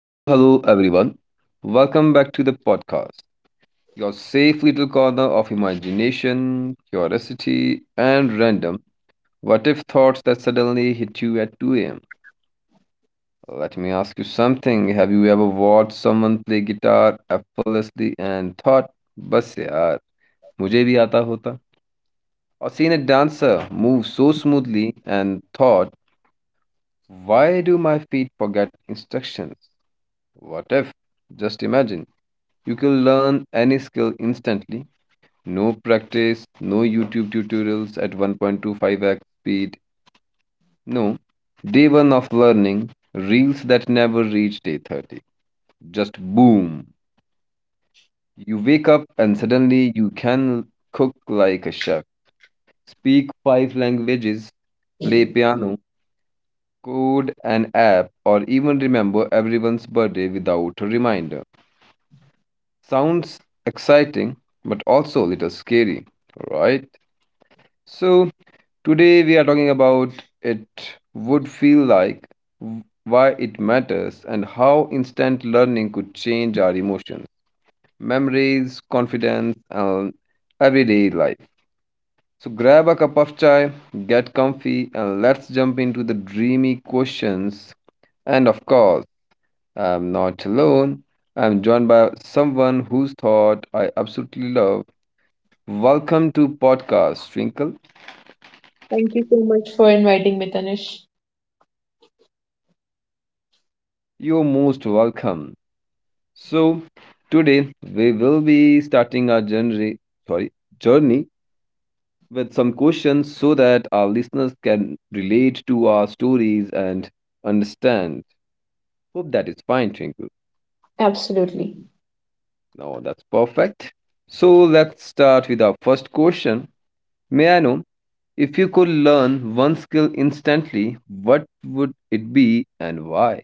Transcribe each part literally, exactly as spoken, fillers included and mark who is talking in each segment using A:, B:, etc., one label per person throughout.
A: Hello, hello, everyone. Welcome back to the podcast, your safe little corner of imagination, curiosity, and random what if thoughts that suddenly hit you at two a m. Let me ask you something. Have you ever watched someone play guitar effortlessly and thought, बस यार मुझे भी आता होता? Or seen a dancer move so smoothly and thought, why do my feet forget instructions? What if? Just imagine. You can learn any skill instantly. No practice, no YouTube tutorials at one point two five x speed. No. Day one of learning, reels that never reach day thirty. Just boom. You wake up and suddenly you can cook like a chef, speak five languages, play piano, code an app, or even remember everyone's birthday without a reminder. Sounds exciting, but also a little scary, right? So, today we are talking about it would feel like, w- why it matters, and how instant learning could change our emotions, memories, confidence, and everyday life. So, grab a cup of chai, get comfy, and let's jump into the dreamy questions. And of course, I'm not alone. I'm joined by someone whose thought I absolutely love. Welcome to podcast, Twinkle.
B: Thank you so much for inviting me, Tanish.
A: You're most welcome. So today we will be starting our journey, sorry, journey with some questions so that our listeners can relate to our stories and understand. Hope that is fine, Twinkle.
B: Absolutely.
A: No, that's perfect. So let's start with our first question. May I know if you could learn one skill instantly, what would it be and why?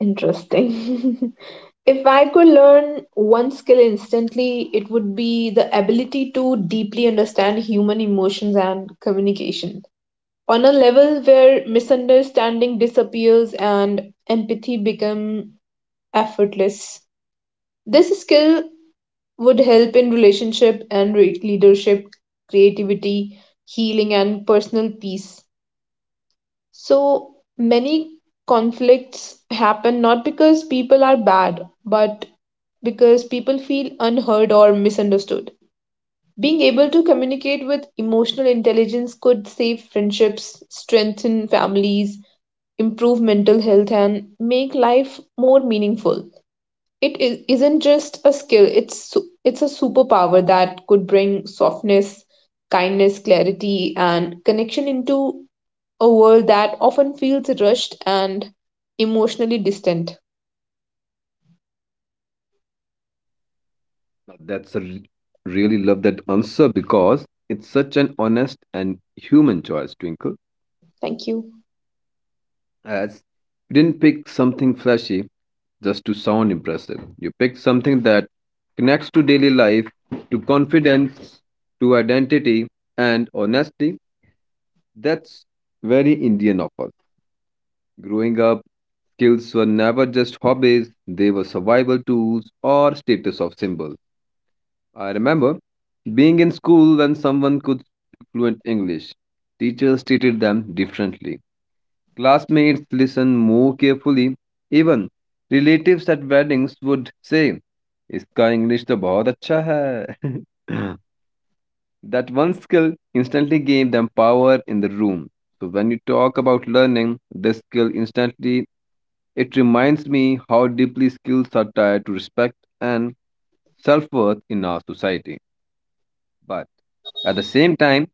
B: Interesting. If I could learn one skill instantly, it would be the ability to deeply understand human emotions and communication, on a level where misunderstanding disappears and empathy become effortless. This skill would help in relationship and re- leadership, creativity, healing and personal peace. So many conflicts happen not because people are bad, but because people feel unheard or misunderstood. Being able to communicate with emotional intelligence could save friendships, strengthen families, improve mental health, and make life more meaningful. It is, isn't just a skill, it's, su- it's a superpower that could bring softness, kindness, clarity, and connection into a world that often feels rushed and emotionally distant.
A: Now, that's a re- really love that answer because it's such an honest and human choice, Twinkle.
B: Thank you.
A: As you didn't pick something flashy just to sound impressive. You picked something that connects to daily life, to confidence, to identity, and honesty. That's very Indian of us. Growing up, skills were never just hobbies, they were survival tools or status of symbols. I remember being in school when someone could speak fluent English. Teachers treated them differently. Classmates listen more carefully. Even relatives at weddings would say, इसका English तो बहुत अच्छा है. That one skill instantly gave them power in the room. So when you talk about learning this skill instantly, it reminds me how deeply skills are tied to respect and self-worth in our society. But at the same time,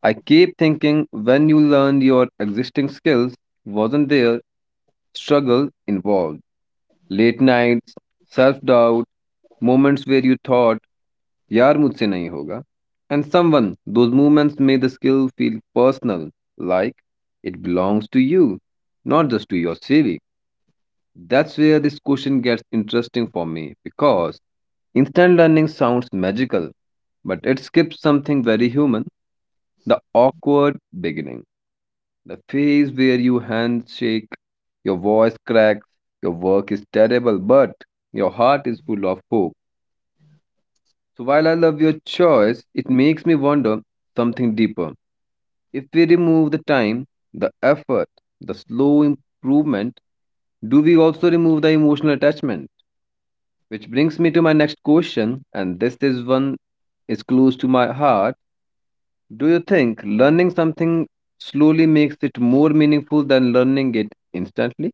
A: I keep thinking when you learned your existing skills, wasn't there struggle involved? Late nights, self doubt, moments where you thought यार मुझसे नहीं होगा, and someone those moments made the skill feel personal, like it belongs to you, not just to your cv. That's where this question gets interesting for me, because instant learning sounds magical, but it skips something very human, the awkward beginning, the phase where you handshake, your voice cracks, your work is terrible but your heart is full of hope. So while I love your choice, it makes me wonder something deeper. If we remove the time, the effort, the slow improvement, do we also remove the emotional attachment? Which brings me to my next question, and this is one is close to my heart. Do you think learning something slowly makes it more meaningful than learning it instantly?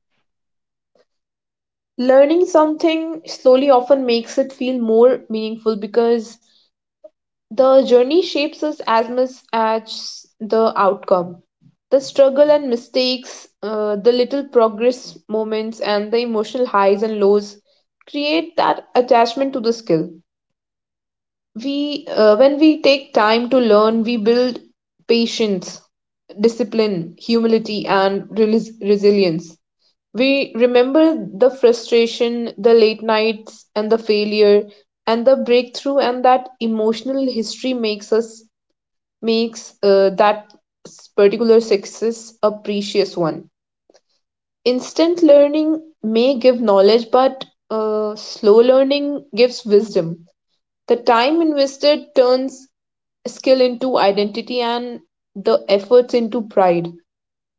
B: Learning something slowly often makes it feel more meaningful because the journey shapes us as much as the outcome. The struggle and mistakes, uh, the little progress moments, and the emotional highs and lows create that attachment to the skill. We uh, when we take time to learn, we build patience, discipline, humility and relis- resilience. We remember the frustration, the late nights and the failure and the breakthrough, and that emotional history makes us makes uh, that s- particular success a precious one. Instant learning may give knowledge, but uh, slow learning gives wisdom. The time invested turns skill into identity and the efforts into pride.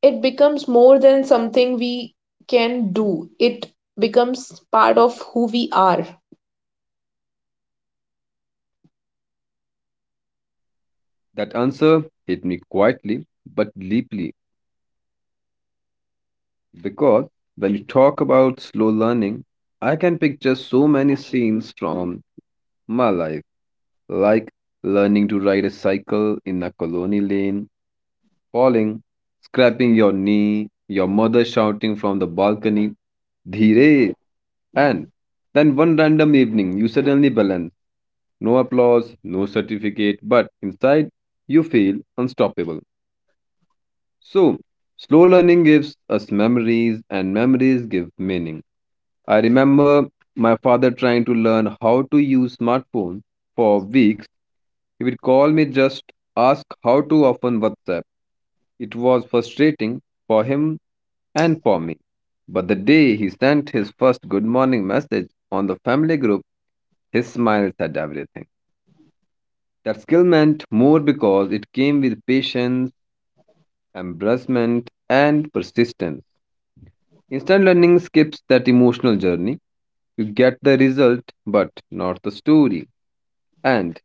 B: It becomes more than something we can do; it becomes part of who we are.
A: That answer hit me quietly but deeply. Because when you talk about slow learning, I can picture so many scenes from my life, like learning to ride a cycle in a colony lane, falling, scraping your knee, your mother shouting from the balcony, Dhire! And then one random evening, you suddenly balance. No applause, no certificate, but inside, you feel unstoppable. So, slow learning gives us memories, and memories give meaning. I remember my father trying to learn how to use smartphone for weeks. He would call me just ask how to open WhatsApp. It was frustrating for him and for me. But the day he sent his first good morning message on the family group, his smile said everything. That skill meant more because it came with patience, embarrassment, and persistence. Instant learning skips that emotional journey. You get the result, but not the story. And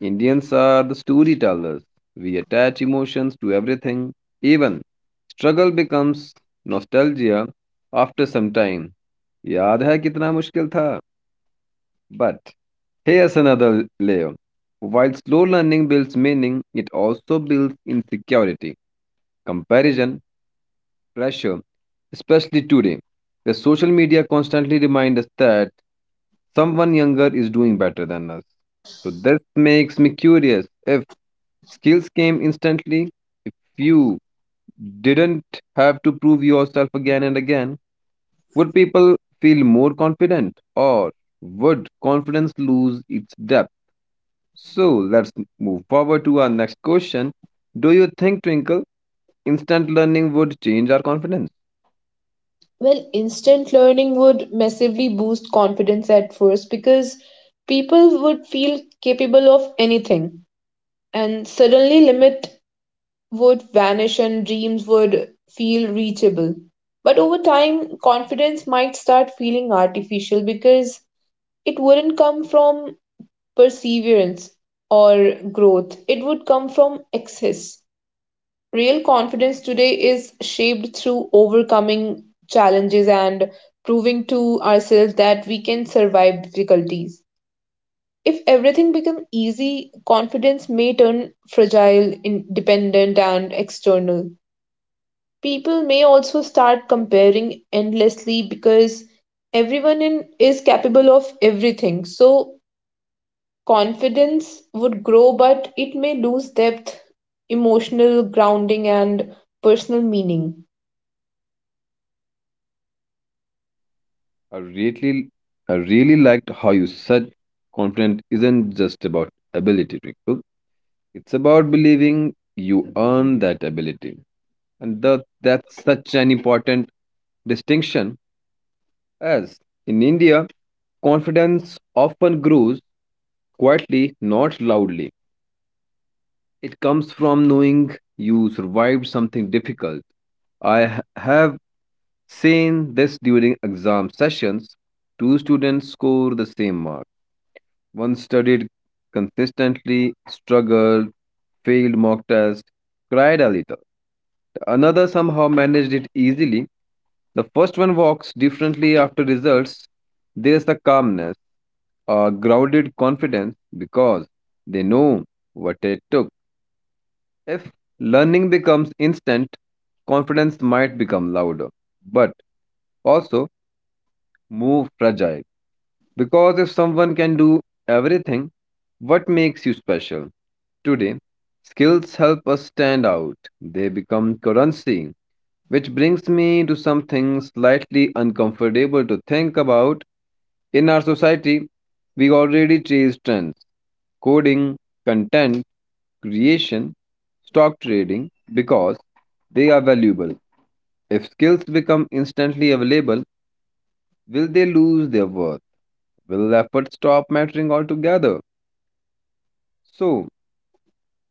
A: Indians are the storytellers. We attach emotions to everything. Even struggle becomes nostalgia after some time. याद है कितना मुश्किल था. But here's another layer. While slow learning builds meaning, it also builds insecurity, comparison, pressure, especially today. The social media constantly reminds us that someone younger is doing better than us. So this makes me curious if skills came instantly. If you didn't have to prove yourself again and again, would people feel more confident or would confidence lose its depth? So let's move forward to our next question. Do you think, Twinkle, instant learning would change our confidence?
B: Well, instant learning would massively boost confidence at first because people would feel capable of anything, and suddenly limit would vanish and dreams would feel reachable. But over time, confidence might start feeling artificial because it wouldn't come from perseverance or growth. It would come from excess. Real confidence today is shaped through overcoming challenges and proving to ourselves that we can survive difficulties. If everything becomes easy, confidence may turn fragile, independent, and external. People may also start comparing endlessly because everyone in, is capable of everything. So confidence would grow, but it may lose depth, emotional grounding, and personal meaning.
A: I really, I really liked how you said confidence isn't just about ability, Twinkle. It's about believing you earn that ability. And the, that's such an important distinction, as in India, confidence often grows quietly, not loudly. It comes from knowing you survived something difficult. I ha- have seen this during exam sessions. Two students score the same mark. One studied consistently, struggled, failed mock test, cried a little. Another somehow managed it easily. The first one walks differently after results. There's a calmness, a grounded confidence because they know what it took. If learning becomes instant, confidence might become louder, but also more fragile. Because if someone can do everything, what makes you special? Today, skills help us stand out. They become currency. Which brings me to something slightly uncomfortable to think about. In our society, we already chase trends, coding, content, creation, stock trading because they are valuable. If skills become instantly available, will they lose their worth? Will effort stop mattering altogether? So,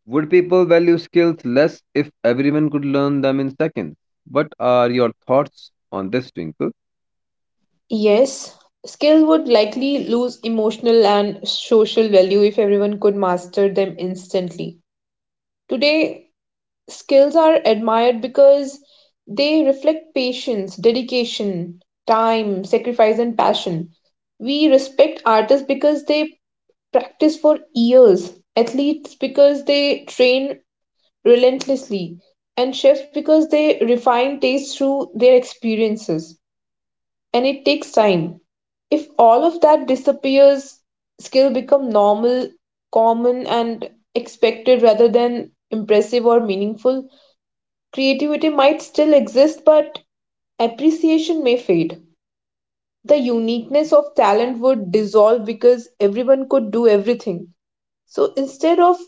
A: would people value skills less if everyone could learn them in seconds? What are your thoughts on this, Twinkle?
B: Yes, skill would likely lose emotional and social value if everyone could master them instantly. Today, skills are admired because they reflect patience, dedication, time, sacrifice, and passion. We respect artists because they practice for years, athletes because they train relentlessly, and chefs, because they refine taste through their experiences, and it takes time. If all of that disappears, skill become normal, common, and expected rather than impressive or meaningful. Creativity might still exist, but appreciation may fade. The uniqueness of talent would dissolve because everyone could do everything. So instead of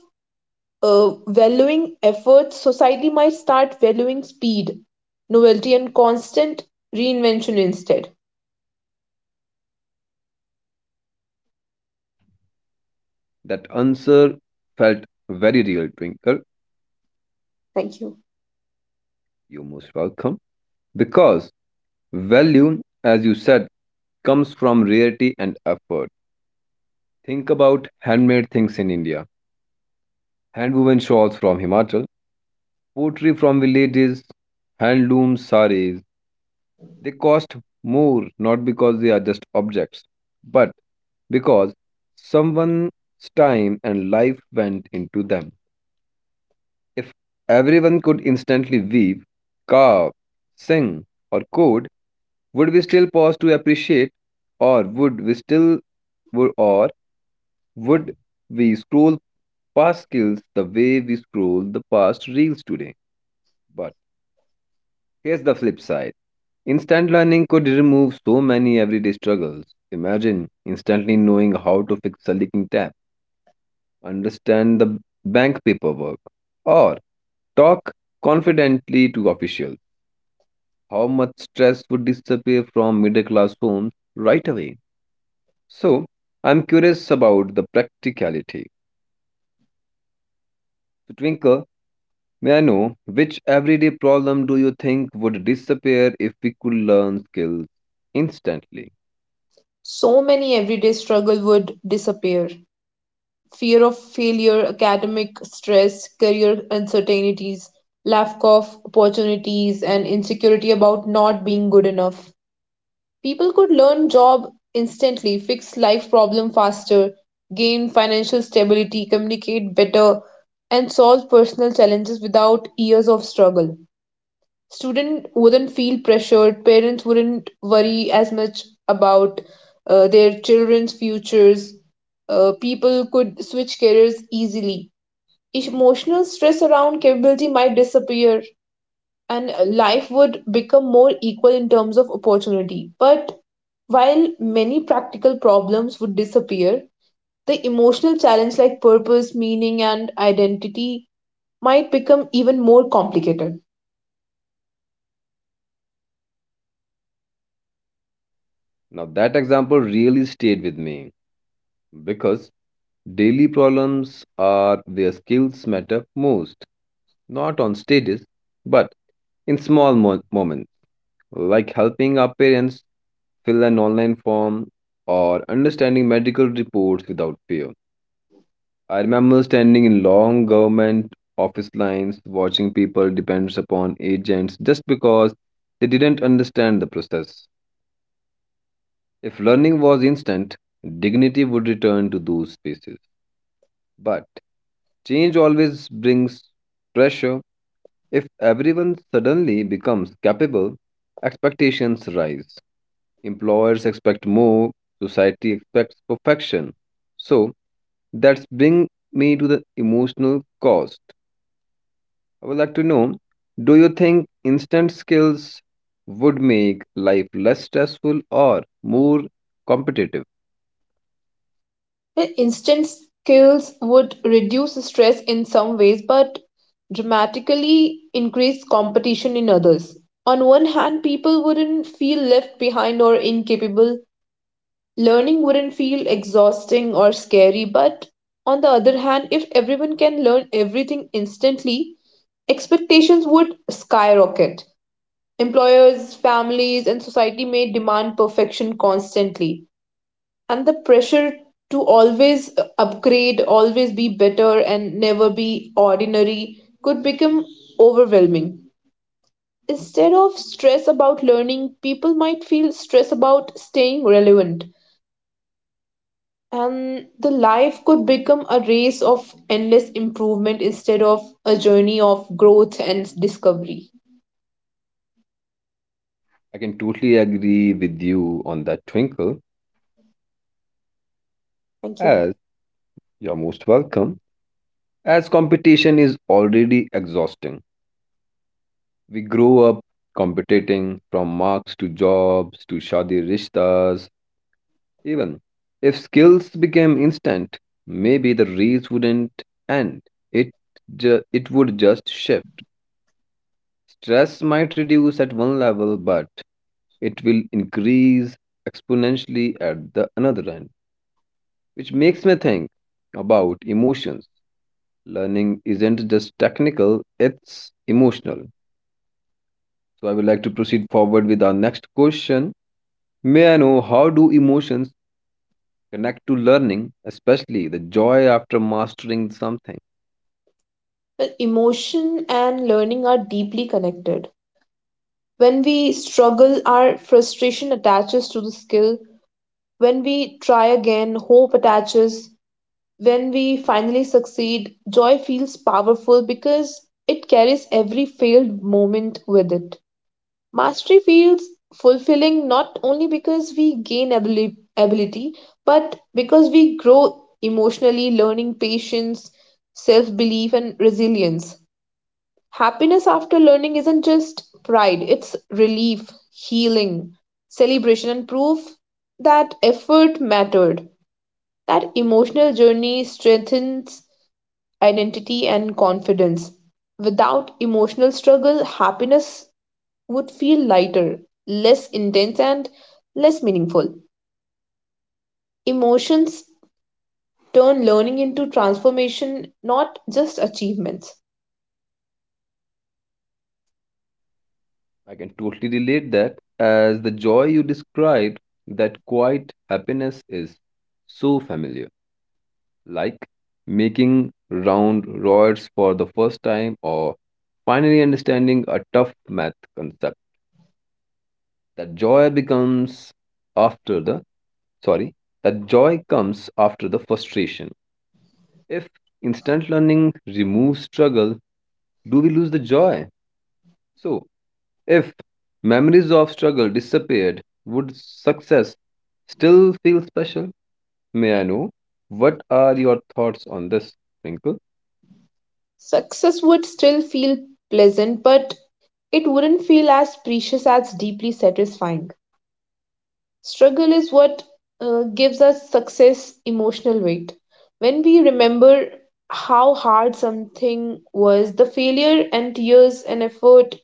B: uh, valuing effort, society might start valuing speed, novelty, and constant reinvention instead.
A: That answer felt very real, Twinkle. You're most welcome. Because value, as you said, comes from rarity and effort. Think about handmade things in India. Handwoven shawls from Himachal, pottery from villages, handloom saris. They cost more not because they are just objects, but because someone's time and life went into them. If everyone could instantly weave, carve, sing, or code, would we still pause to appreciate, or would we still, would, or would we scroll past skills the way we scroll the past reels today? But here's the flip side. Instant learning could remove so many everyday struggles. Imagine instantly knowing how to fix a leaking tap, understand the bank paperwork, or talk confidently to officials. How much stress would disappear from middle class homes right away. So, I'm curious about the practicality. So, Twinkle, may I know which everyday problem do you think would disappear if we could learn skills instantly?
B: So many everyday struggle would disappear. Fear of failure, academic stress, career uncertainties, lack of opportunities, and insecurity about not being good enough. People could learn job instantly, fix life problem faster, gain financial stability, communicate better, and solve personal challenges without years of struggle. Students wouldn't feel pressured, parents wouldn't worry as much about uh, their children's futures. Uh, people could switch careers easily. Emotional stress around capability might disappear and life would become more equal in terms of opportunity. But while many practical problems would disappear, the emotional challenge like purpose, meaning, and identity might become even more complicated.
A: Now, that example really stayed with me because daily problems are where skills matter most, not on stages, but in small mo- moments. Like helping our parents fill an online form or understanding medical reports without fear. I remember standing in long government office lines watching people depend upon agents just because they didn't understand the process. If learning was instant, dignity would return to those spaces. But change always brings pressure. If everyone suddenly becomes capable, expectations rise. Employers expect more, society expects perfection. So that's bring me to the emotional cost. I would like to know, do you think instant skills would make life less stressful or more competitive?
B: Instant skills would reduce stress in some ways but dramatically increase competition in others. On one hand, people wouldn't feel left behind or incapable, learning wouldn't feel exhausting or scary, but on the other hand, if everyone can learn everything instantly, expectations would skyrocket. Employers, families, and society may demand perfection constantly and the pressure to always upgrade, always be better, and never be ordinary could become overwhelming. Instead of stress about learning, people might feel stress about staying relevant, and the life could become a race of endless improvement instead of a journey of growth and discovery.
A: I can totally agree with you on that, Twinkle.
B: Thank you.
A: As you're most welcome. As competition is already exhausting. We grow up competing from marks to jobs to shadi rishtas. Even if skills became instant, maybe the race wouldn't end. It ju- it would just shift. Stress might reduce at one level, but it will increase exponentially at the another end, which makes me think about emotions. Learning isn't just technical, it's emotional. So I would like to proceed forward with our next question. May I know how do emotions connect to learning, especially the joy after mastering something?
B: Well, emotion and learning are deeply connected. When we struggle, our frustration attaches to the skill. When we try again, hope attaches. When we finally succeed, joy feels powerful because it carries every failed moment with it. Mastery feels fulfilling not only because we gain abili- ability, but because we grow emotionally, learning patience, self belief, and resilience. Happiness after learning isn't just pride, it's relief, healing, celebration, and proof that effort mattered. That emotional journey strengthens identity and confidence. Without emotional struggle, happiness would feel lighter, less intense, and less meaningful. Emotions turn learning into transformation, not just achievements.
A: I can totally relate that as the joy you described, that quiet happiness is so familiar, like making round rods for the first time or finally understanding a tough math concept. That joy becomes after the, sorry, that joy comes after the frustration. If instant learning removes struggle, do we lose the joy? So, if memories of struggle disappeared, would success still feel special? May I know? What are your thoughts on this, Twinkle?
B: Success would still feel pleasant, but it wouldn't feel as precious as deeply satisfying. Struggle is what uh, gives us success emotional weight. When we remember how hard something was, the failure and tears and effort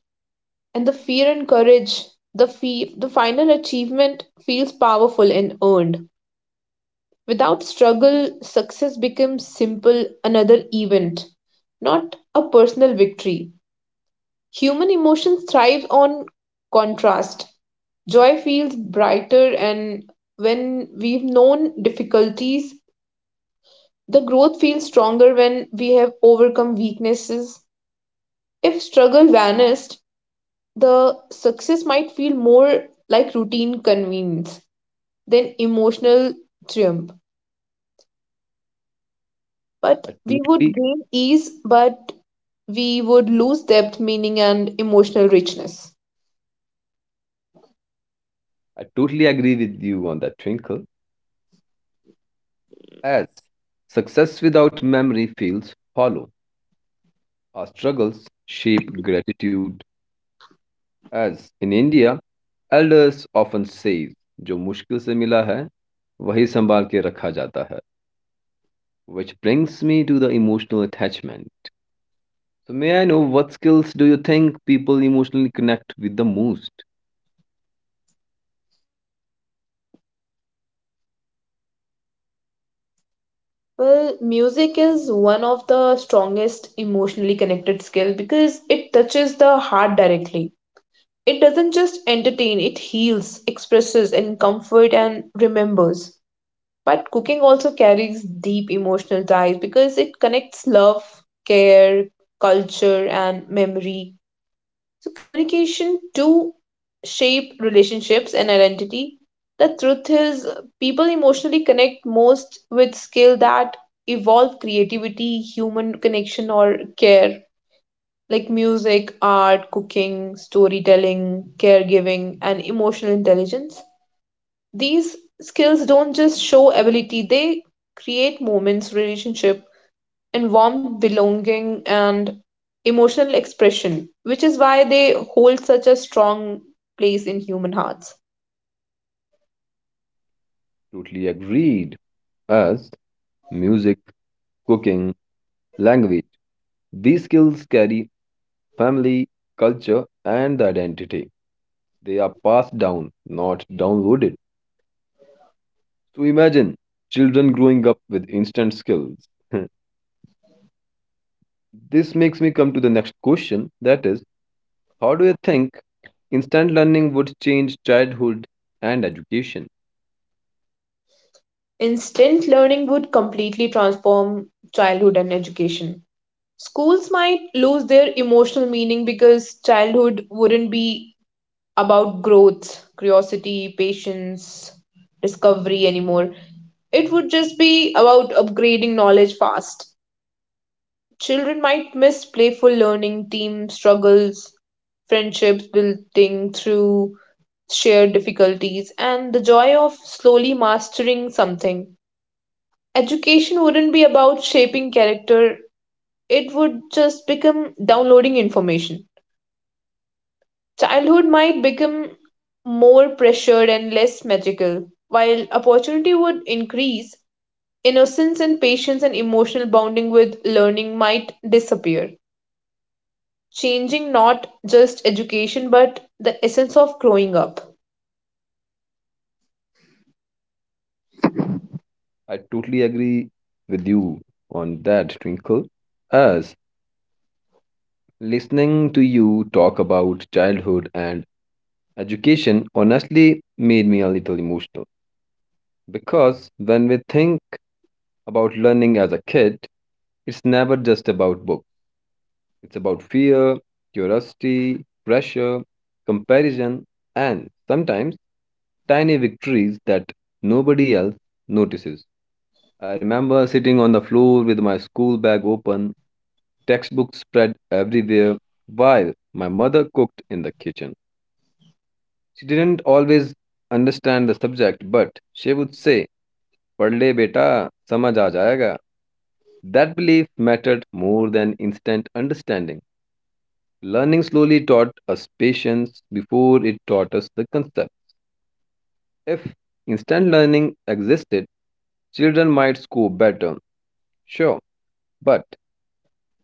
B: and the fear and courage, the fee- the final achievement feels powerful and earned. Without struggle, success becomes simple, another event, not a personal victory. Human emotion thrives on contrast. Joy feels brighter and when we've known difficulties. The growth feels stronger when we have overcome weaknesses. If struggle vanished, the success might feel more like routine convenience than emotional triumph. But
A: I
B: we would
A: totally,
B: gain ease, but we would lose depth, meaning, and emotional richness.
A: I totally agree with you on that, Twinkle. As success without memory feels hollow. Our struggles shape gratitude. As in India, elders often say, "जो मुश्किल से मिला है, वही संभाल के रखा जाता है." Which brings me to the emotional attachment. So, may I know what skills do you think people emotionally connect with the most?
B: Well, music is one of the strongest emotionally connected skill because it touches the heart directly. It doesn't just entertain, it heals, expresses and comfort and remembers. But cooking also carries deep emotional ties because it connects love, care, culture and memory, so communication to shape relationships and identity. The truth is, people emotionally connect most with skill that evolve creativity, human connection, or care, like music, art, cooking, storytelling, caregiving, and emotional intelligence. These skills don't just show ability; they create moments, relationship, and warmth, belonging, and emotional expression, which is why they hold such a strong place in human hearts.
A: Totally agreed. As music, cooking, language, these skills carry family, culture, and the identity. They are passed down, not downloaded. So, imagine children growing up with instant skills. This makes me come to the next question, that is, how do you think instant learning would change childhood and education?
B: Instant learning would completely transform childhood and education. Schools might lose their emotional meaning because childhood wouldn't be about growth, curiosity, patience, discovery anymore. It would just be about upgrading knowledge fast. Children might miss playful learning, team struggles, friendships building through shared difficulties, and the joy of slowly mastering something. Education wouldn't be about shaping character, it would just become downloading information. Childhood might become more pressured and less magical, while opportunity would increase, innocence and patience and emotional bonding with learning might disappear, changing not just education but the essence of growing up.
A: I totally agree with you on that, Twinkle. As listening to you talk about childhood and education honestly made me a little emotional. Because when we think about learning as a kid, it's never just about books, it's about fear, curiosity, pressure, comparison, and sometimes tiny victories that nobody else notices. I remember sitting on the floor with my school bag open, textbooks spread everywhere, while my mother cooked in the kitchen. She didn't always understand the subject, but she would say, "Padh le beta, samajh aa jayega." That belief mattered more than instant understanding. Learning slowly taught us patience before it taught us the concepts. If instant learning existed, children might score better, sure, but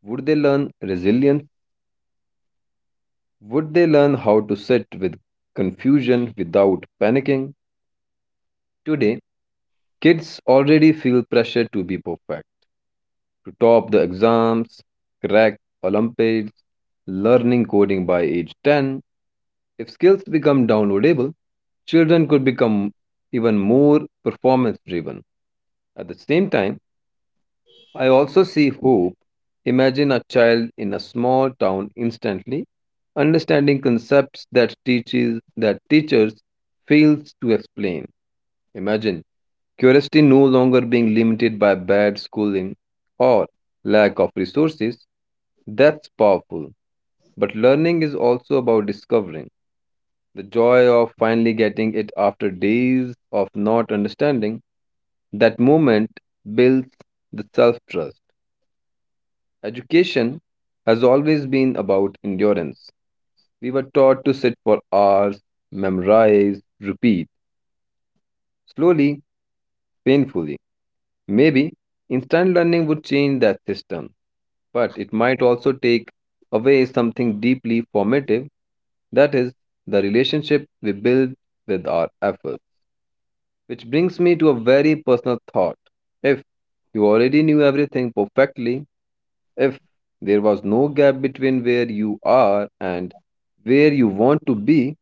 A: would they learn resilience? Would they learn how to sit with confusion without panicking? Today, kids already feel pressure to be perfect, to top the exams, crack Olympiads, learning coding by age ten. If skills become downloadable, children could become even more performance driven. At the same time, I also see hope. Imagine a child in a small town instantly understanding concepts that teaches that teachers fails to explain. Imagine curiosity no longer being limited by bad schooling or lack of resources. That's powerful. But learning is also about discovering the joy of finally getting it after days of not understanding. That moment builds the self trust. Education has always been about endurance. We were taught to sit for hours, memorize, repeat, slowly, painfully. Maybe instant learning would change that system, but it might also take away something deeply formative, that is, the relationship we build with our efforts. Which brings me to a very personal thought. If you already knew everything perfectly, if there was no gap between where you are and where you want to be,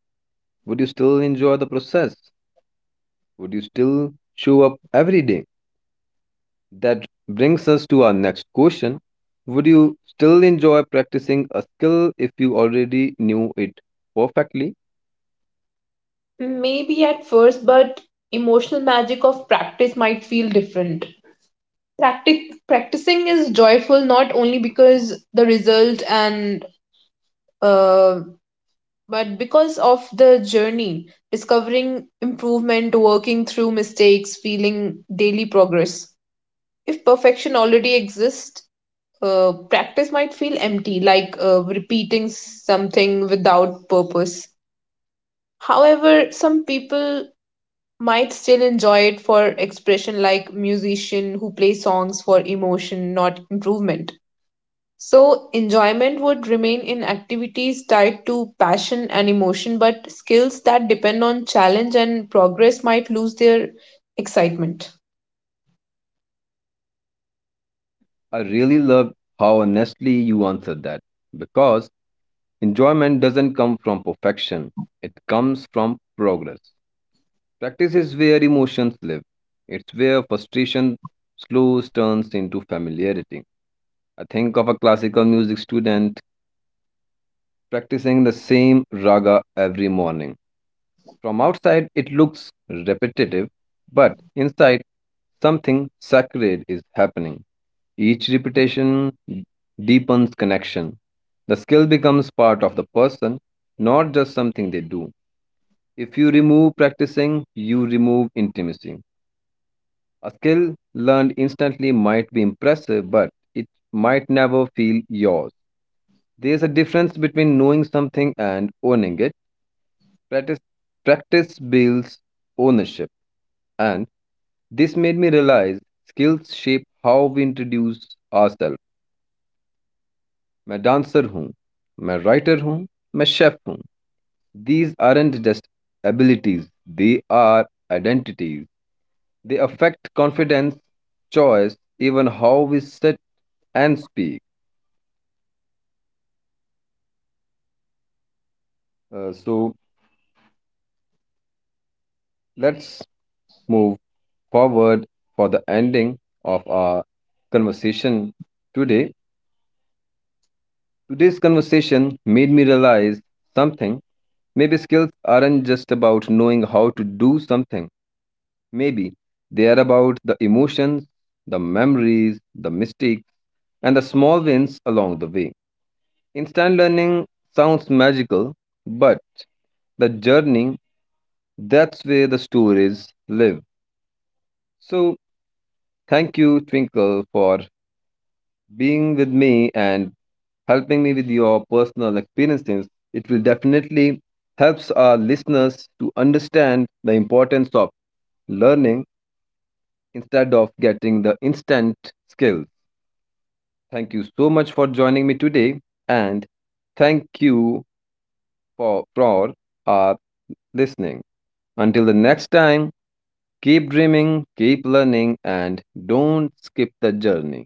A: would you still enjoy the process? Would you still show up every day? That brings us to our next question. Would you still enjoy practicing a skill if you already knew it perfectly?
B: Maybe at first, but emotional magic of practice might feel different. Practic- practicing is joyful not only because the result and uh, but because of the journey, discovering improvement, working through mistakes, feeling daily progress. If perfection already exists, uh, practice might feel empty, like uh, repeating something without purpose. However, some people might still enjoy it for expression, like musician who play songs for emotion, not improvement. So, enjoyment would remain in activities tied to passion and emotion, but skills that depend on challenge and progress might lose their excitement.
A: I really love how honestly you answered that, because enjoyment doesn't come from perfection, it comes from progress. Practice is where emotions live. It's where frustration slows turns into familiarity. I think of a classical music student practicing the same raga every morning. From outside, it looks repetitive, but inside, something sacred is happening. Each repetition deepens connection. The skill becomes part of the person, not just something they do. If you remove practicing, you remove intimacy. A skill learned instantly might be impressive, but it might never feel yours. There's a difference between knowing something and owning it. Practice, practice builds ownership, and this made me realize skills shape how we introduce ourselves. मैं dancer हूँ, मैं writer हूँ, मैं chef हूँ. These aren't just abilities; they are identities. They affect confidence, choice, even how we sit and speak. Uh, so, let's move forward for the ending of our conversation today. Today's conversation made me realize something. Maybe skills aren't just about knowing how to do something, maybe they are about the emotions, the memories, the mistakes, and the small wins along the way. Instant learning sounds magical, but the journey, that's where the stories live. So, thank you, Twinkle, for being with me and helping me with your personal experiences. It will definitely helps our listeners to understand the importance of learning instead of getting the instant skills. Thank you so much for joining me today, and thank you for, for our listening. Until the next time, keep dreaming, keep learning, and don't skip the journey.